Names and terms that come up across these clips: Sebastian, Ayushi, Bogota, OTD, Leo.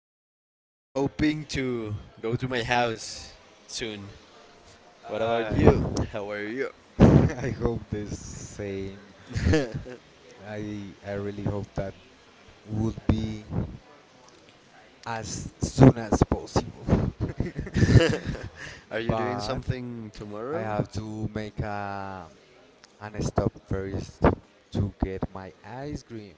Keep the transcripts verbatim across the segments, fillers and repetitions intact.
Now, hoping to go to my house soon. What about you? I How are you? I hope the same. I I really hope that would be as soon as possible. Are you doing but something I tomorrow? have to make a an stop first to get my ice cream.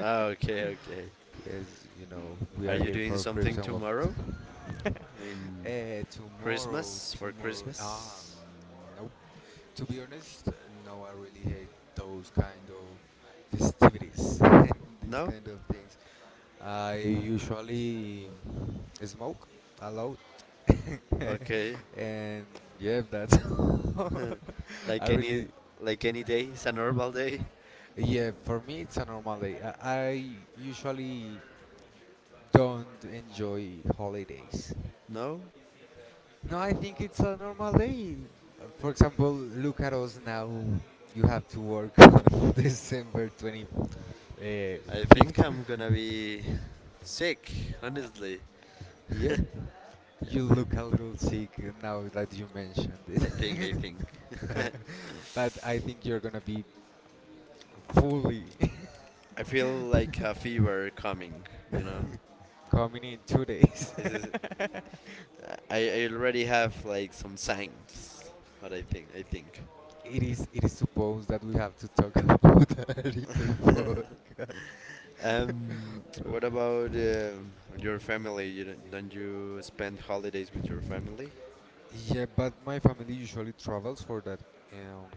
Ah, okay, okay. Yes, you know, we Are are you here doing for something Crips and Love. tomorrow? In uh, tomorrow, Christmas for tomorrow. Ah, Christmas? mm, no. To be honest, no, I really hate those kind of festivities and these No? kind of things. I usually smoke a lot. Okay. and yeah, that's all. I Like any really like any day is a normal day? yeah, for me it's a normal day. I, I usually don't enjoy holidays. No? No, I think it's a normal day. For example, look at us now. You have to work on December twenty-fifth. I think I'm gonna be sick, honestly. Yep. Yeah, You maybe. look a little sick now that you mentioned it. I think, I think. but I think you're gonna be fully I feel like a fever coming, you know? coming in two days. This is, I, I already have like some signs, but I think, I think. It is it is supposed that we have to talk about that in the podcast. um, Um, what about um your family? You don't, don't you spend holidays with your family? yeah, but my family usually travels for that um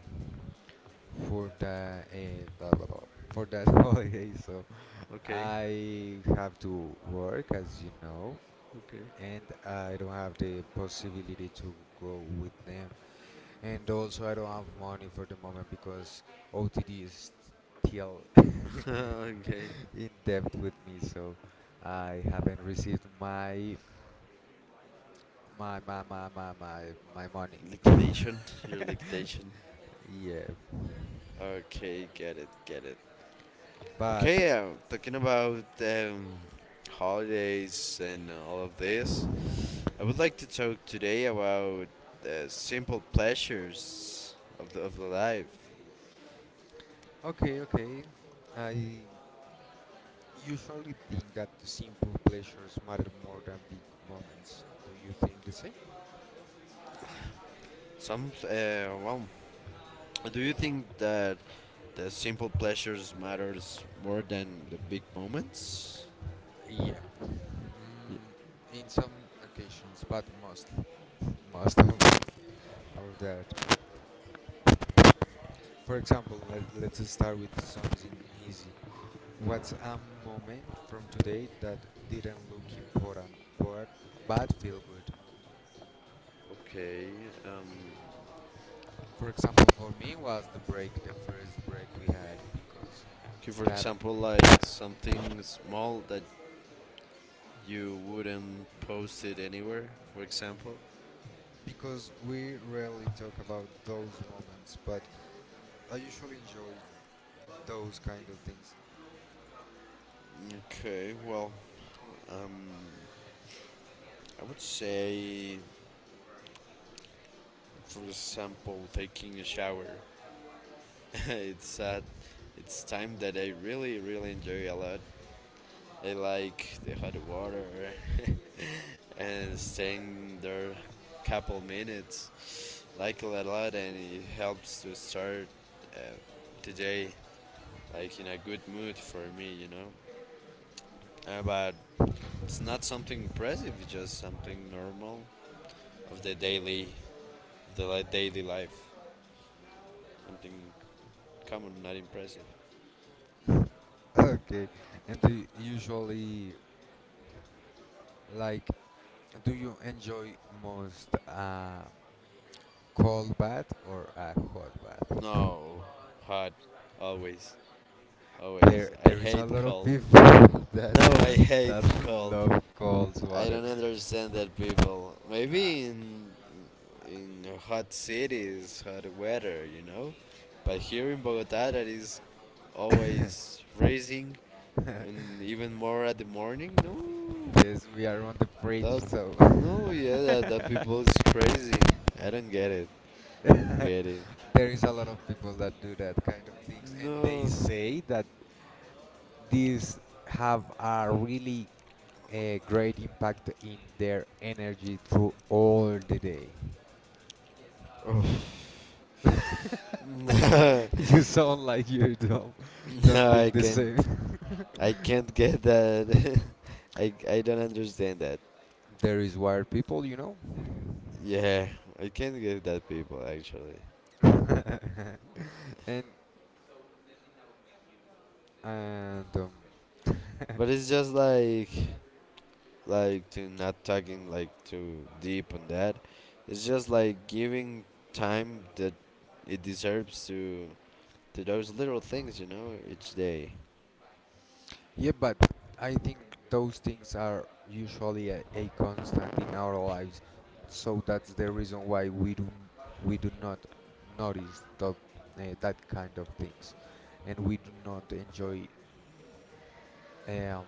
for the uh, blah, blah, blah, for that holiday, so Okay, I have to work as you know, okay. and I don't have the possibility to go with them. And also, I don't have money for the moment because O T D is still okay. in debt with me, so I haven't received my my my my my my, my money. Liquidation, your liquidation. yeah, Okay, get it, get it. but Okay, yeah, talking about um, holidays and all of this, I would like to talk today about uh, simple pleasures of the, of the life. okay, okay. I usually think that the simple pleasures matter more than big moments. Do you think the same? Some, uh, well, do you think that the simple pleasures matters more than the big moments? Yep. Ye- Mm, in some occasions, but mostly, most of, of of that. For example, let, let's start with something easy. What's a moment from today that didn't look important, but but feel good? Okay, um, For example, for me was the break, the first break we had, because okay, for that example, like something small that you wouldn't post it anywhere, for example. because we rarely talk about those moments, but I usually enjoy those kind of things. Okay, well, Um, I would say, for example, taking a shower. it's at it's time that I really really enjoy a lot. I like the hot water and staying there couple minutes. Like it a lot, and it helps to start uh, the day like in a good mood for me, you know. Uh, but it's not something impressive, it's just something normal of the daily, the li- daily life. Something common, not impressive. Okay. And do you usually like do you enjoy most a cold bath or a hot bath? No, hot. Always, There always. I there is a hate lot of cold. people that No, I hate that cold. love cold I water. don't understand that people. Uh, Maybe in in hot cities, hot weather, you know. But here in Bogota, that is always freezing, and even more at the morning. No, yes, we are on the fridge, that so no, yeah, that, that people is crazy. I don't get it. Get it? there is a lot of people that do that kind of things and they No. say that these have a really uh, great impact in their energy through all the day. Oh. No, you sound like you don't don't think I the can't. same. I can't get that. I, I don't understand that. there is wired people, you know, Yeah, I can't get that people actually. and and um, But it's just like like to not talking like too deep on that. It's just like giving time that it deserves to to those little things, you know, each day. Yeah, but I think those things are usually a, a constant in our lives, so that's the reason why we do we do not notice that uh, that kind of things, and we do not enjoy um,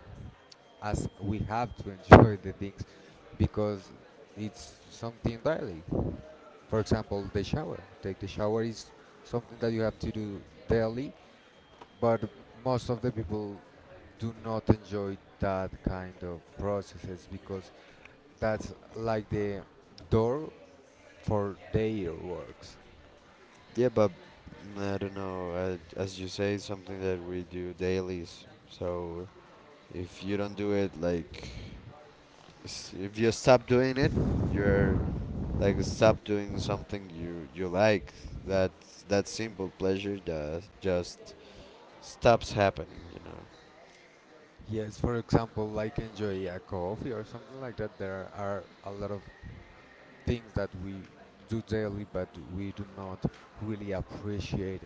as we have to enjoy the things because it's something daily. For example, the shower. Take the shower is something that you have to do daily but most of the people do not enjoy that kind of processes because that's like the door for their works. Yeah, but mm, I don't know. Uh, as you say, something that we do dailies. So if you don't do it, like, s- if you stop doing it, you're like stop doing something you you like. That that simple pleasure does just stops happening. You know. Yes, for example, like enjoy a coffee or something like that. There are a lot of things that we do daily, but we do not really appreciate.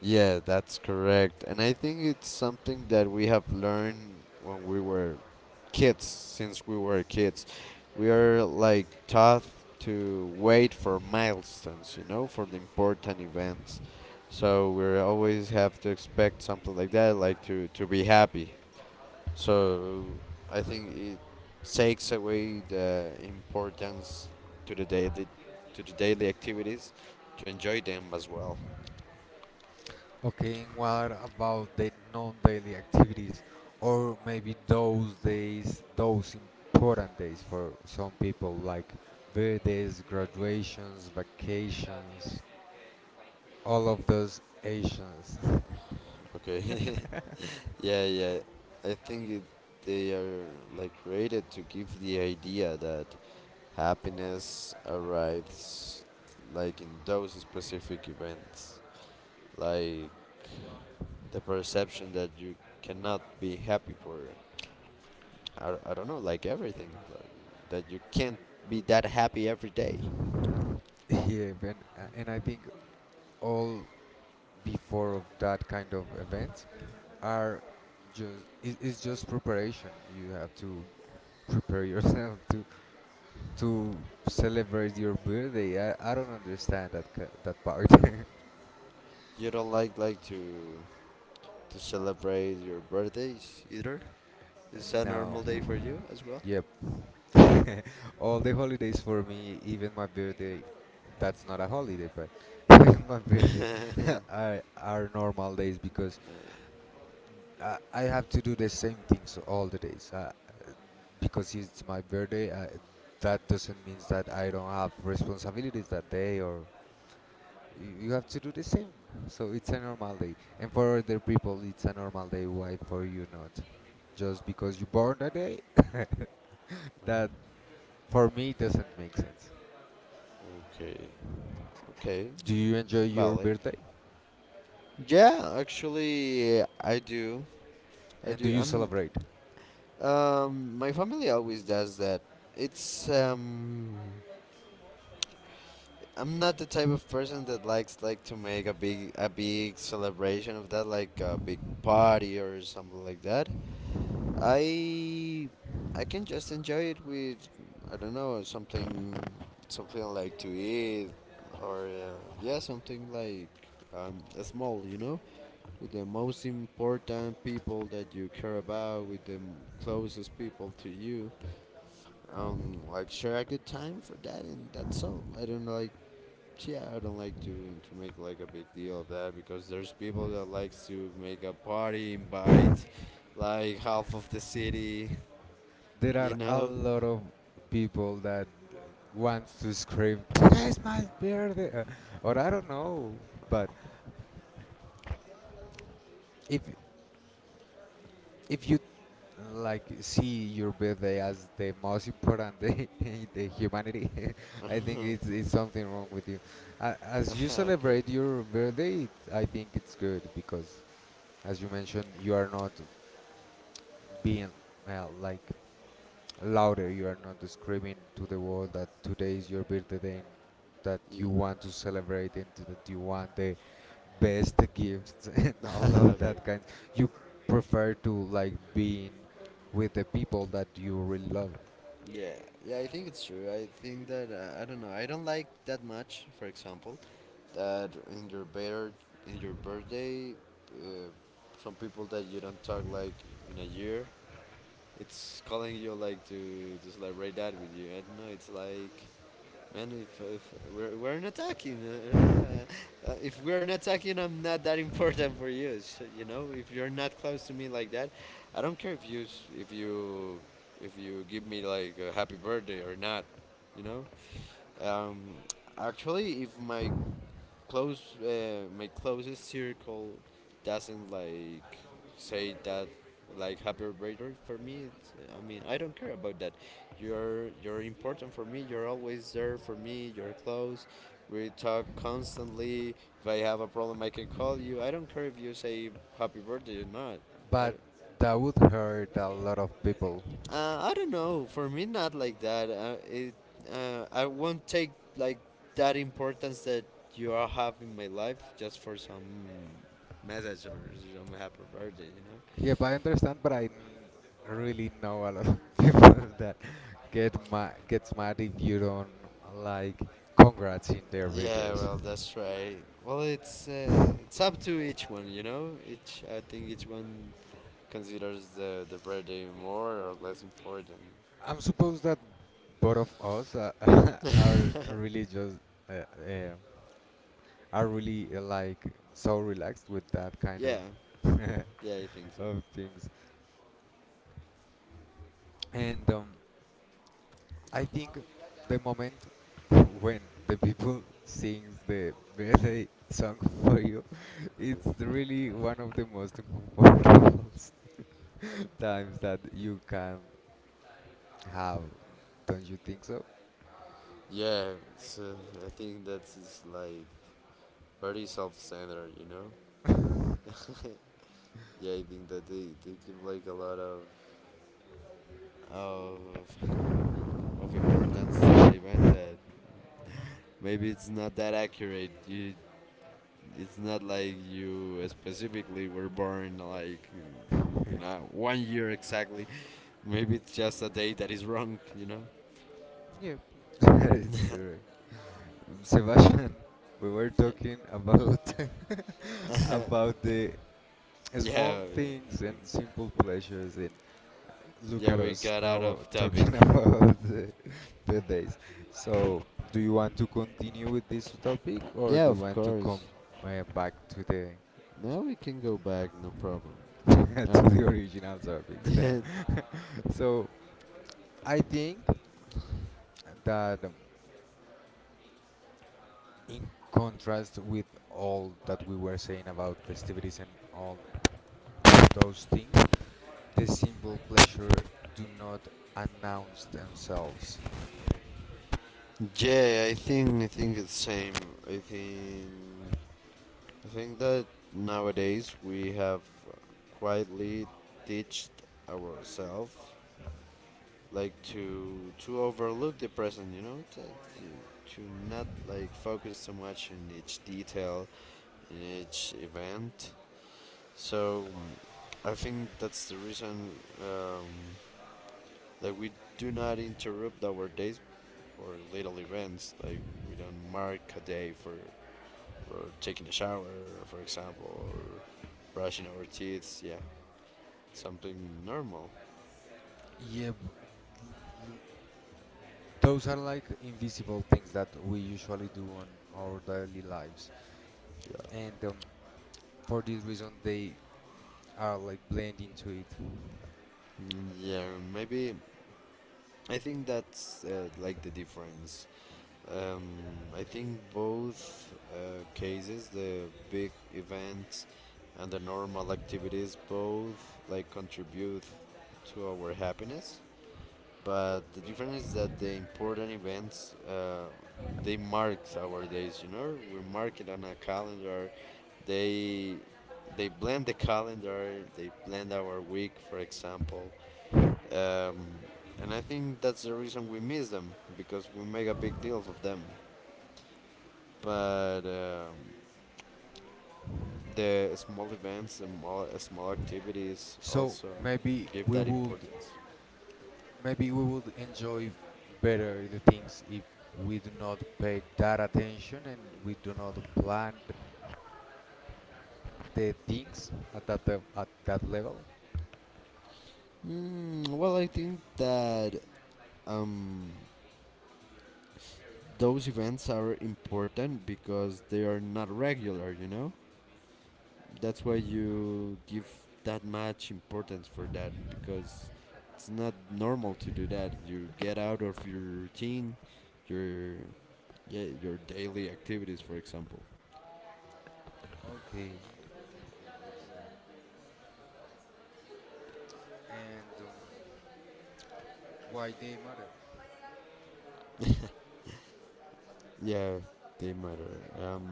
Yeah, that's correct. And I think it's something that we have learned when we were kids, since we were kids. We are like taught to wait for milestones, you know, for the important events. So we always have to expect something like that, like to, to be happy. So I think it takes away the importance to the daily to the daily activities to enjoy them as well. Okay, and what about the non-daily activities, or maybe those days, those important days for some people, like birthdays, graduations, vacations, all of those Asians. Okay. Yeah, yeah. I think it, they are like created to give the idea that happiness arrives like in those specific events. Like the perception that you cannot be happy for, I, I don't know, like everything. Like, that you can't be that happy every day. yeah, and, uh, and I think all before of that kind of events are just it, it's just preparation. You have to prepare yourself to to celebrate your birthday. I, I don't understand that ca- that part. You don't like like to to celebrate your birthdays either. Is that a no. normal day for you as well? Yep. All the holidays for me, even my birthday, that's not a holiday, but even my birthday are, are normal days because I, I have to do the same things all the days. Uh, because it's my birthday, I, that doesn't mean that I don't have responsibilities that day or you you have to do the same. So it's a normal day. And for other people, it's a normal day. Why for you not? Just because you born that day? that for me doesn't make sense. Okay. Okay. Do you enjoy your Valid. birthday? Yeah, actually, I do. I And do do. you I'm. celebrate? Um, my family always does that. It's um. I'm not the type of person that likes like to make a big a big celebration of that, like a big party or something like that. I I can just enjoy it with I don't know something something like to eat or uh, yeah something like um small, you know. With the most important people that you care about, with the closest people to you, um, like share a good time for that, and that's all. I don't like, yeah, I don't like to to make like a big deal of that because there's people that likes to make a party, invite like half of the city, There you are a know. lot of people that uh, wants to scream, "Today's my birthday," uh, or I don't know. But if if you like see your birthday as the most important day in the humanity, I think it's it's something wrong with you. A- As you okay. celebrate your birthday, it, I think it's good because, as you mentioned, you are not being uh, like louder you are not screaming to the world that today is your birthday and that Ye- you want to celebrate and that you want the best gifts and all of okay. that kind. You prefer to like being with the people that you really love Yeah, yeah, I think it's true. I think that uh, I don't know. I don't like that much. For example, that in your bir- in your birthday, uh, some people that you don't talk like in a year, it's calling you like to to celebrate that with you. I don't know. It's like, "Man, if, if we're, we're not talking, uh, I don't know. Uh, uh, if we're not talking, I'm not that important for you. So, you know, if you're not close to me like that, I don't care if you s- if you if you give me like a happy birthday or not. You know, um, actually, if my close uh, my closest circle doesn't like say that like happy birthday for me it's, eh, I mean I don't care about that. You're you're important for me. You're always there for me. You're close. We talk constantly. If I have a problem I can call you. I don't care if you say happy birthday or not." I but don't, that would hurt a lot of people. uh, I don't know. For me, not like that. Uh, it, uh, I won't take like that importance that you all have in my life just for some message or some happy birthday, you know. Yep I understand but i n- really know a lot of people that get ma- gets mad if you don't like congrats in their Yeah, videos. well, that's right. Well, it's uh, it's up to each one, you know. Each I think each one considers the the birthday more or less important. I'm supposed that both of us uh, are really just uh, uh, are really uh, like so relaxed with that kind yeah, of yeah, I think so. of things. And um, I think the moment when the people sings the birthday song for you, it's really one of the most uncomfortable times that you can have. Don't you think so? Yeah, so I think that's is, like, very self-centered, you know. yeah, I think that they, they give like a lot of of of importance to that event that maybe it's not that accurate. You, it's not like you specifically were born like, you know, one year exactly. Maybe it's just a day that is wrong, you know. Yeah, that is correct. Um, Sebastian, we were Yeah, talking about about the small yeah, things and simple pleasures, and look yeah. at We us got out now uh, of topic. talking about the birthdays. So, do you want to continue with this topic, or Yeah, do you of want to course. come uh, back to the Now we can go back, no problem. Well, to um, the original topics? that, so, I think that. Um, in contrast with all that we were saying about festivities and all of those things, the simple pleasure do not announce themselves. yeah, I think I think it's same. I think I think that nowadays we have quietly ditched ourselves, like to to overlook the present, you know, to, to, to not like focus so much in each detail in each event. So I think that's the reason. Um, Like we do not interrupt our days for little events. Like we don't mark a day for, for taking a shower, for example, or brushing our teeth. Yeah, something normal. Yeah, b- l- those are like invisible things that we usually do on our daily lives, Yeah. and um, for this reason, they are like blend into it. Mm, yeah, maybe. I think that's uh, like the difference. Um, I think both uh, cases, the big events and the normal activities, both like contribute to our happiness. But the difference is that the important events uh, they mark our days, you know, we mark it on a calendar. They they blend the calendar, they blend our week, for example. um, and I think that's the reason we miss them, because we make a big deal of them. But um, the small events and small, uh, small activities So also maybe give we that would importance. Maybe we would enjoy better the things if we do not pay that attention and we do not plan th- the things at that lev- at that level. Mm, well, I think that um, those events are important because they are not regular, you know? That's why you give that much importance for that because it's not normal to do that. You get out of your routine, your yeah, your daily activities, for example. Okay, okay, okay, understand. And um, why they matter? Yeah, they matter. Um,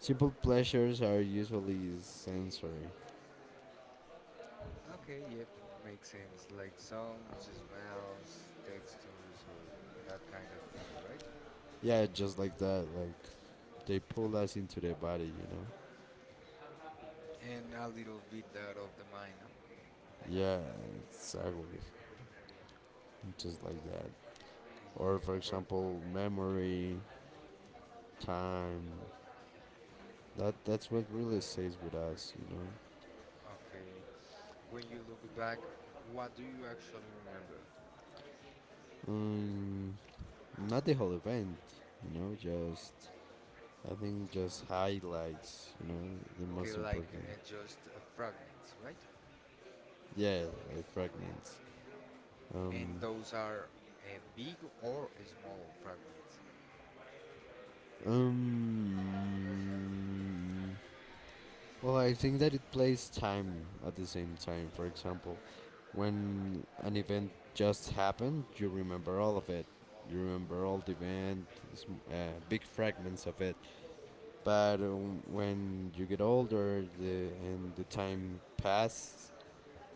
Simple pleasures are usually sensory. Okay, yep, makes sense. Like sounds, smells, textures, or that kind of things, right? Yeah, just like that. Like they pull Okay. us into their body, you And a little bit out of the mind. No? know. Yeah, exactly. Just like that. Or Yeah. for For example, memory, time. That that's what really stays with us, you know. okay, when you look back, what do you actually remember? Um, Not the whole event, you know. Just I think just highlights, you know, the Okay, most like important. uh, just uh, fragments, right? Yeah, like fragments. And Um, those are uh, big or small fragments. um, Well, I think that it plays time at the same time. For example, when an event just happened, you remember all of it. You remember all the event, sm- uh, big fragments of it. But um, when you get older the, and the time passes,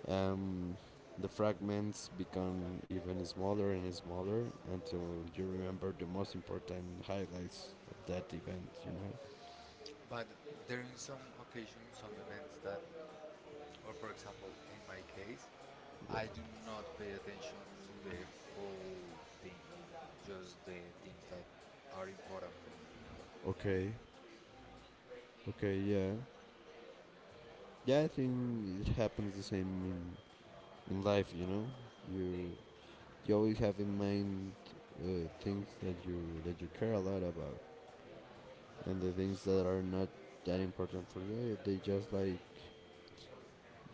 um, the fragments become even smaller and smaller until you remember the most important highlights of that event, you know? But there in some occasions, some events that, or for example, in my case, Yeah. I do not pay attention to the whole thing, just the things that are important for me. Okay, okay, yeah. Yeah, I think it happens the same in, in life. You know, you you always have in mind uh, things that you that you care a lot about, and the things that are not that important for you, they just like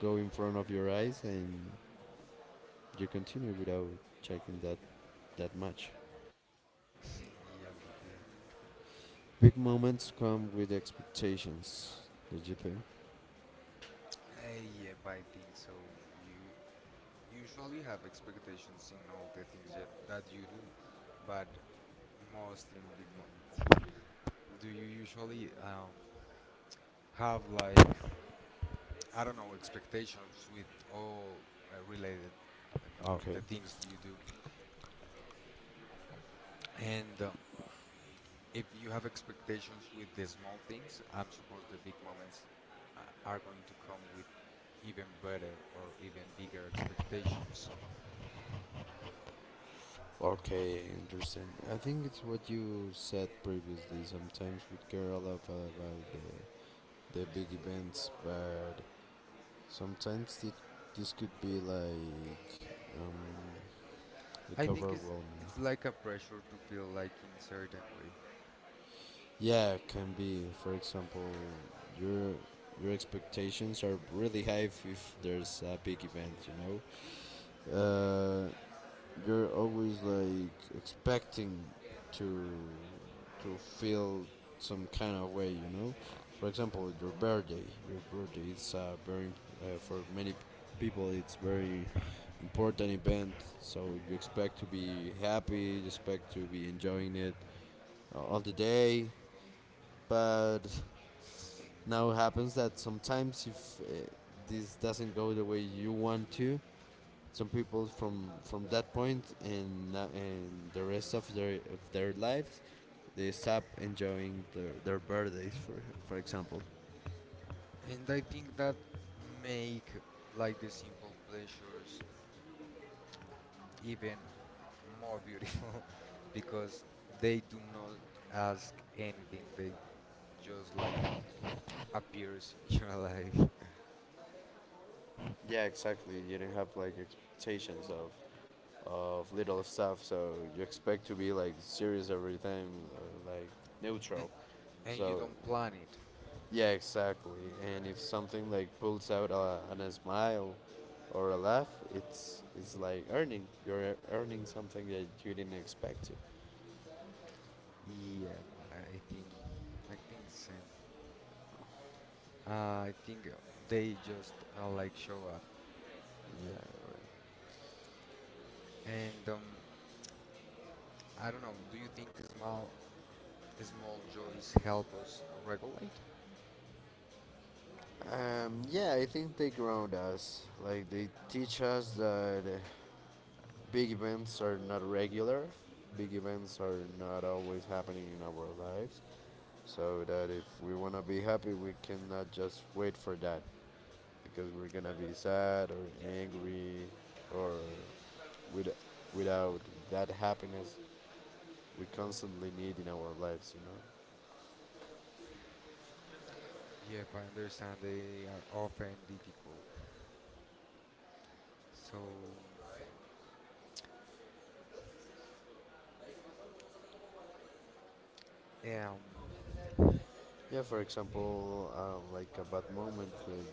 go in front of your eyes, and you continue without checking that that much. yeah, okay. Big moments come with expectations. Did you think? Uh, yep, I think so. You usually have expectations in all the things that, that you do, but most in big moments. Do you usually um, have like I don't know expectations with all uh, related and of Okay. the things you do? And um, if you have expectations with the small things, I'm suppose the big moments uh, are going to come with even better or even bigger expectations. Okay, interesting. I think it's what you said previously. Sometimes we care a lot about the the big events, but sometimes it, this could be like um, the I cover think it's overwhelming. it's like a pressure to feel like in certain way, Yeah, it can be. For example, your your expectations are really high if, if there's a big event, you know. Uh, you're always like expecting to to feel some kind of way, you know, for example, your birthday. Your birthday is a very uh, for many people it's very important event, so you expect to be happy, you expect to be enjoying it uh, all the day. But now it happens that sometimes if uh, this doesn't go the way you want to, some people from from that point and uh, and the rest of their of their lives, they stop enjoying their, their birthdays, for for example. and I think that make like the simple pleasures even more beautiful because they do not ask anything. They just like appears in your life, Yeah, exactly. You don't have like expectations of of little stuff, so you expect to be like serious every time, uh, like and, neutral. and you So don't plan it. yeah, exactly. And if something like pulls out a, an a smile or a laugh, it's it's like earning. You're earning something that you didn't expect to. Yeah, I think I think same. Uh, I think uh, they just uh, like show up. Yeah. And um, I don't know. Do you think small small joys help us regulate? Um, yeah, I think they ground us. Like they teach us that uh, big events are not regular. Big events are not always happening in our lives. So that if we wanna be happy, we cannot just wait for that, because we're gonna be sad or angry or with, without that happiness we constantly need in our lives, you know. Yep, I understand they are often difficult. So, um, Yeah, for example, uh, like a bad moment that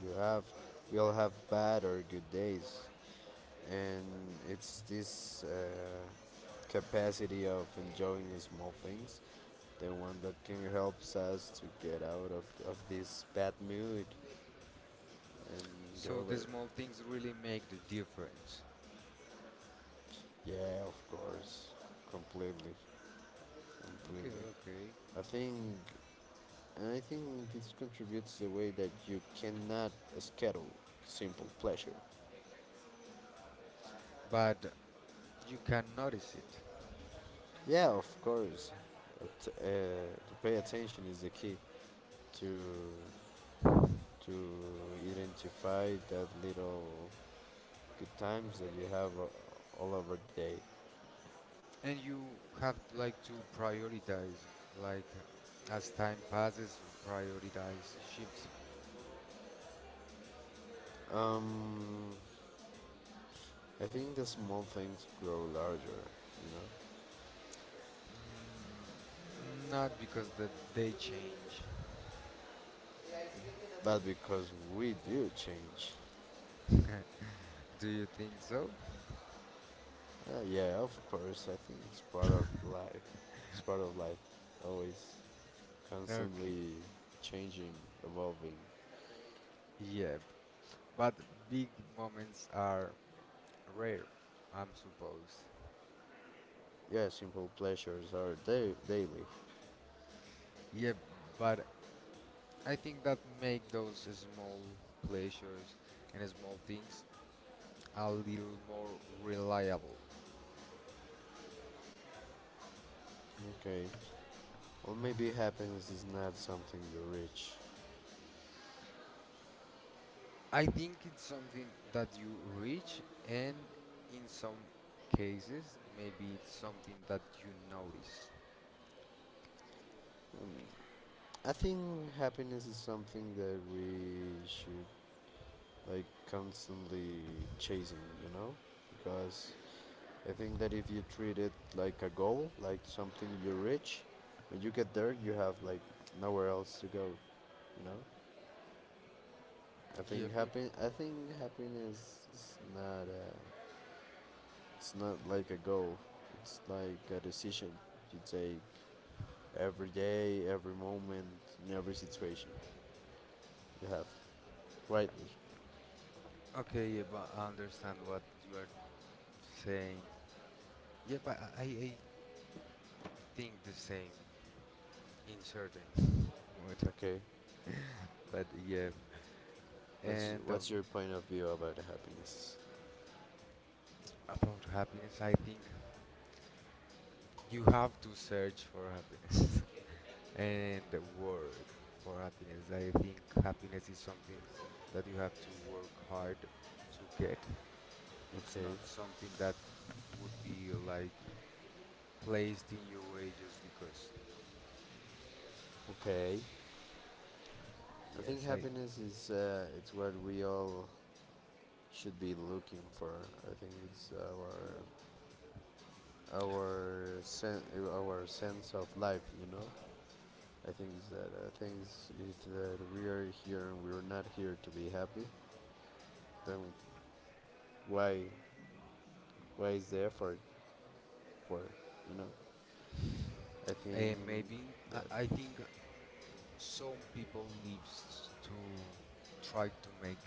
you have. We all have bad or good days, and it's this uh, capacity of enjoying the small things, the one that can help us to get out of, of this bad mood and get so over the it. small things really make the difference. Yeah, of course, completely, Okay, completely. okay. I think And I think this contributes the way that you cannot schedule simple pleasure. But you can notice it. Yeah, of course. At- uh, to pay attention is the key to to identify that little good times that you have uh, all over the day. And you have like to prioritize like um, as time passes prioritize shifts. Um, I think the small things grow larger, you know, Mm, not because that they change. but because we do change. Do you think so? Uh, yeah, of course. I think it's part of life. It's part of life, always. Okay. Constantly changing, evolving. Yeah, but big moments are rare, I'm supposed. Yeah, simple pleasures are da- daily. Yeah, but I think that make those small pleasures and small things a little more reliable. Okay. Or maybe happiness is not something you reach. I think it's something that you reach, and in some cases, maybe it's something that you notice. Mm, I think happiness is something that we should like constantly chasing, you know? Because I think that if you treat it like a goal, like something you reach, when you get there, you have like nowhere else to go, you know? I Yep, think yep. happy I think happiness is not a It's not like a goal, it's like a decision you take every day, every moment, in every situation you have. Right? Okay, yeah, but I understand what you are saying. Yep, I, I, I think the same in certain mood. Okay. But yeah, What's, and um, what's your point of view about happiness? about happiness, I think you have to search for happiness. and work for happiness. I think happiness is something that you have to work hard to get. It's not Okay. something that would be like placed in your way just because. Okay. I think Yes, I happiness is uh, it's what we all should be looking for. I think it's our our sen- our sense of life, you know. I think that I think if that we are here and we are not here to be happy, then why why is the effort for, you know. I and think maybe I, that. I think some people lives to try to make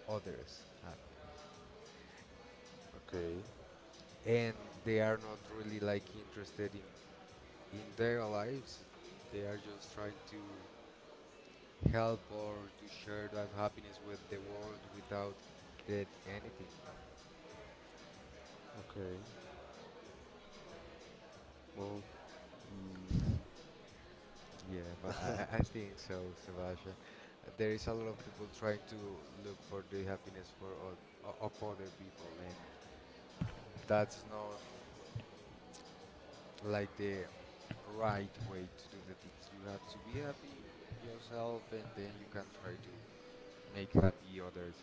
others happy, Okay, and they are not really like interested in in their lives. They are just trying to help or to share that happiness with the world without get anything no. okay, well. Mm, Yeah, but i i I think so, Sebastian. Uh, there is a lot of people trying to look for the happiness for oth- o- of other people, and that's not like the right way to do the things. You have to be happy yourself, and then you can try to make happy others.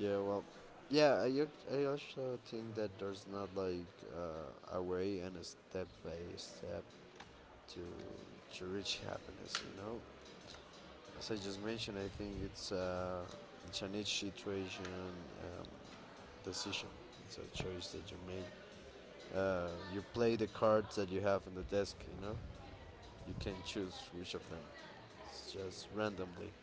yeah, well, yeah, I, ac- I also think that there's not like uh, a way and a step by step to to reach happiness, you know. As I just mentioned, I think it's uh it's an each situation, um, decision. It's a choice that you make, uh, you play the cards that you have on the desk, you know. You can choose which of them. It's just randomly,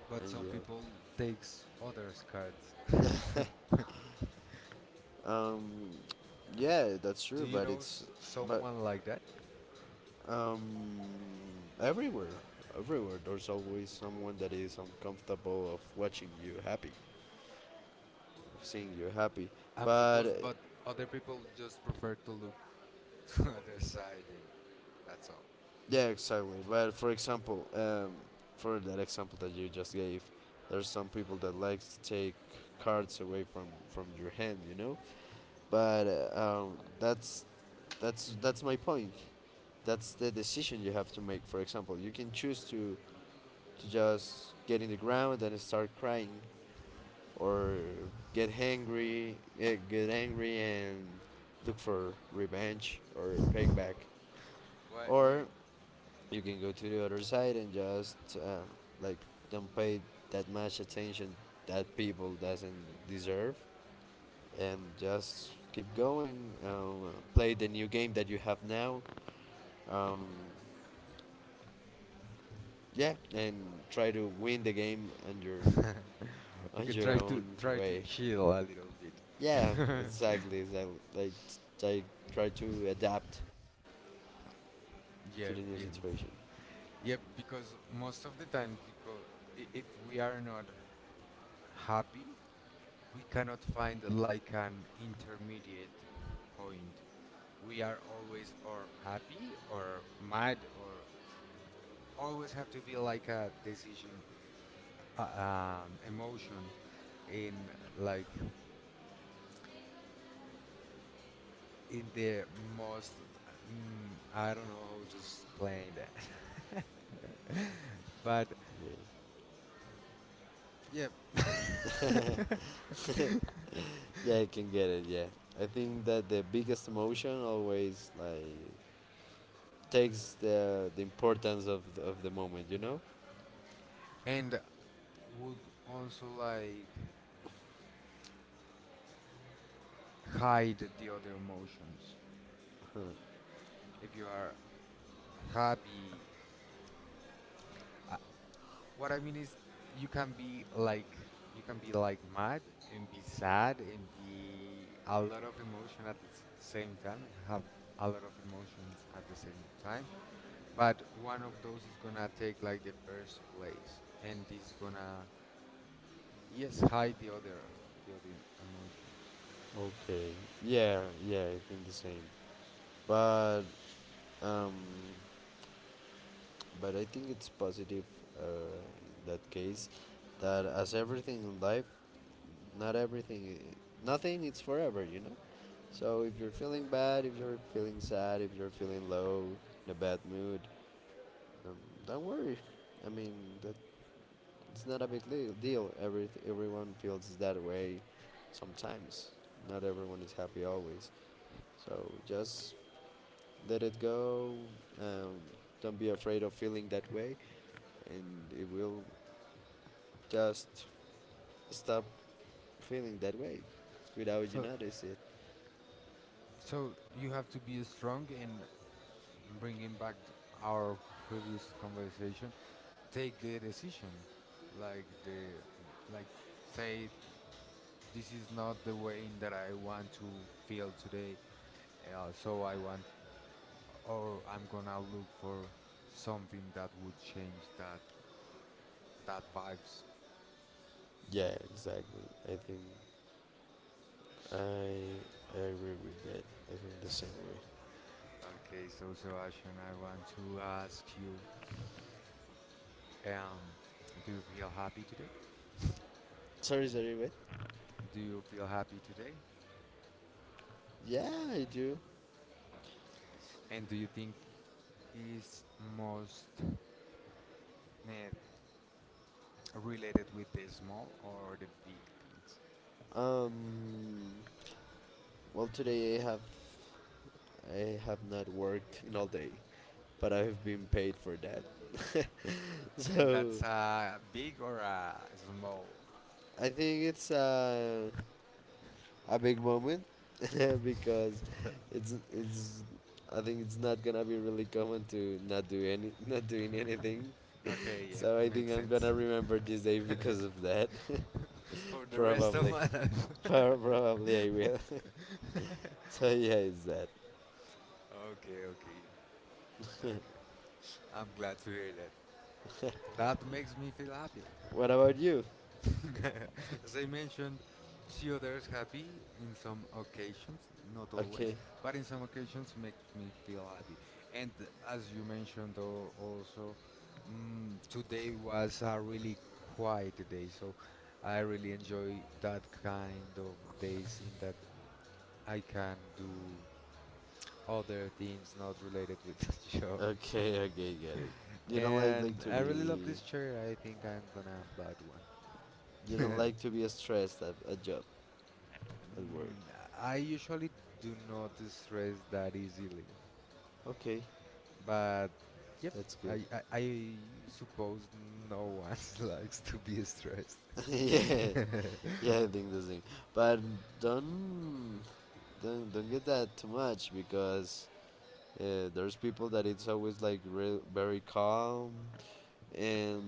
But and some you people takes others cards. have. Um, yeah, that's Do you true, know but s- it's but someone like that? um, everywhere, everywhere. There's always someone that is uncomfortable of watching you happy, of seeing you happy. I'm supposed, But uh, but other people just prefer to look to other side, and that's all. Yeah, exactly. But for example, um, for that example that you just gave, there's some people that likes to take cards away from from your hand, you know. But uh, um, that's that's that's my point. That's the decision you have to make. For example, you can choose to to just get in the ground and start crying, or get angry, get, get angry and look for revenge or payback, Wait, wait. or you can go to the other side and just uh, like don't pay that much attention that people doesn't deserve, and just keep going. Uh, play the new game that you have now. Um, yeah, and try to win the game on your Okay, on try your to own try to way. chill a little bit. Yeah, exactly. Exactly. Like like try to adapt Yeah, to the yeah, new situation. yeah. Because most of the times, because i- if we are not happy, we cannot find like an intermediate point. We are always or happy or mad, or always have to be like a decision, uh, um, emotion in, like, in the most, mm, I don't know how to explain that. But Yeah. yeah. Yeah, I can get it. Yeah, I think that the biggest emotion always like takes the the importance of of the moment, you know. And would also like hide the other emotions. If you are happy, what I mean is, you can be like, you can be like mad and be sad and be a lot of emotion at the s- same time, and have a lot of emotions at the same time, but one of those is gonna take like the first place, and is gonna yes hide the other, the other emotions. Okay. Yeah. Yeah. I think the same. But um, but I think it's positive uh, in that case, that as everything in life, not everything, i- nothing is forever, you know. So if you're feeling bad, if you're feeling sad, if you're feeling low, in a bad mood, um, don't worry. I mean that it's not a big li- deal. Every everyone feels that way sometimes. Not everyone is happy always. So just let it go. Um, don't be afraid of feeling that way, and it will just stop feeling that way without So, you notice it. so you have to be strong in bringing back th- our previous conversation. Take the decision, like the like say this is not the way that I want to feel today. Uh, so I want, or I'm gonna look for something that would change that, that vibes. Yeah, exactly. I think I, I agree with that. I think the same way. Okay, so Sebastian, I want to ask you, um, do you feel happy today? Sorry, sorry, wait. Do you feel happy today? Yeah, I do. And do you think is most eh, related with the small or the big things? Um, well, today I have, I have not worked in all day, but I have been paid for that. And So. That's that's a a big or a small? I think it's uh, a big moment because it's it's I think it's not gonna be really common to not do any not doing anything. Okay, yeah, So I makes think I'm sense. gonna remember this day because of that. For the rest of my Probably, life. Pro- probably I will. So yeah, it's that. Okay, okay, okay. I'm glad to hear that. That makes me feel happy. What about you? As I mentioned, see others happy in some occasions, not always, Okay, but in some occasions makes me feel happy. And as you mentioned al- also, mm, today was a really quiet day, so I really enjoy that kind of days in that I can do other things not related with the job. okay, okay, get it. You don't like And like I to really love this be chair. I think I'm gonna buy you one. don't like to be stressed at a job at Mm, work. I usually do not stress that easily, Okay, but yep, that's I good. I, I suppose no one likes to be stressed. Yeah, yeah, I think the same. But don't don't don't get that too much, because uh, there's people that it's always like real, very calm, and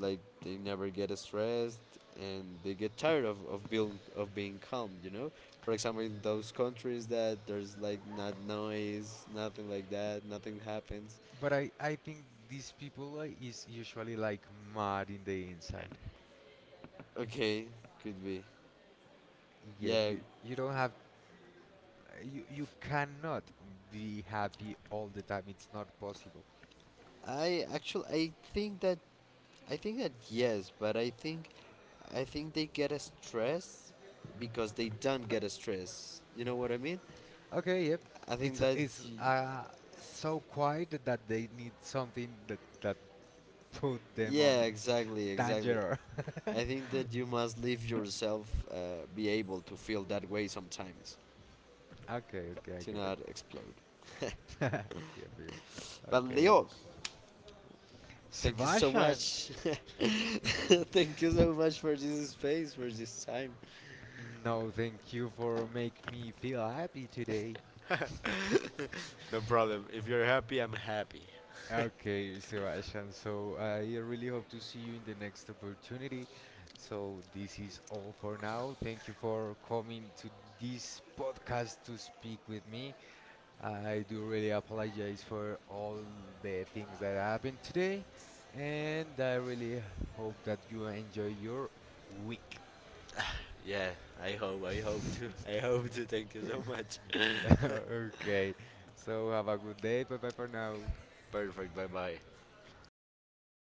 like they never get stressed, and they get tired of, of being of being calm. You know, for example, in those countries that there's like not noise, nothing like that, nothing happens. But I I think these people uh, is usually like mad in the inside. Okay, could be. Yeah, you Yeah, you don't have, you you cannot be happy all the time. It's not possible. I actually I think that I think that yes, but I think I think they get a stress because they don't get a stress. You know what I mean? Okay, yep. I It's think that it's y- uh so quiet that they need something that that put them on Yeah, exactly, exactly. danger. I think that you must leave yourself uh, be able to feel that way sometimes Okay, okay, I get to it. not explode. Yeah, baby. But Okay. Leo, thank you so Sebastian, much. Thank you so much for this space, for this time. no, thank you for make me feel happy today. No problem. If you're happy, I'm happy. Okay, Sebastian, so I really hope to see you in the next opportunity. So, this is all for now. Thank you for coming to this podcast to speak with me. I do really apologize for all the things that happened today, and I really hope that you enjoy your week. Yeah, I hope. I hope to. I hope to. Thank you so much. Okay, so have a good day. Bye bye for now. Perfect. Bye bye.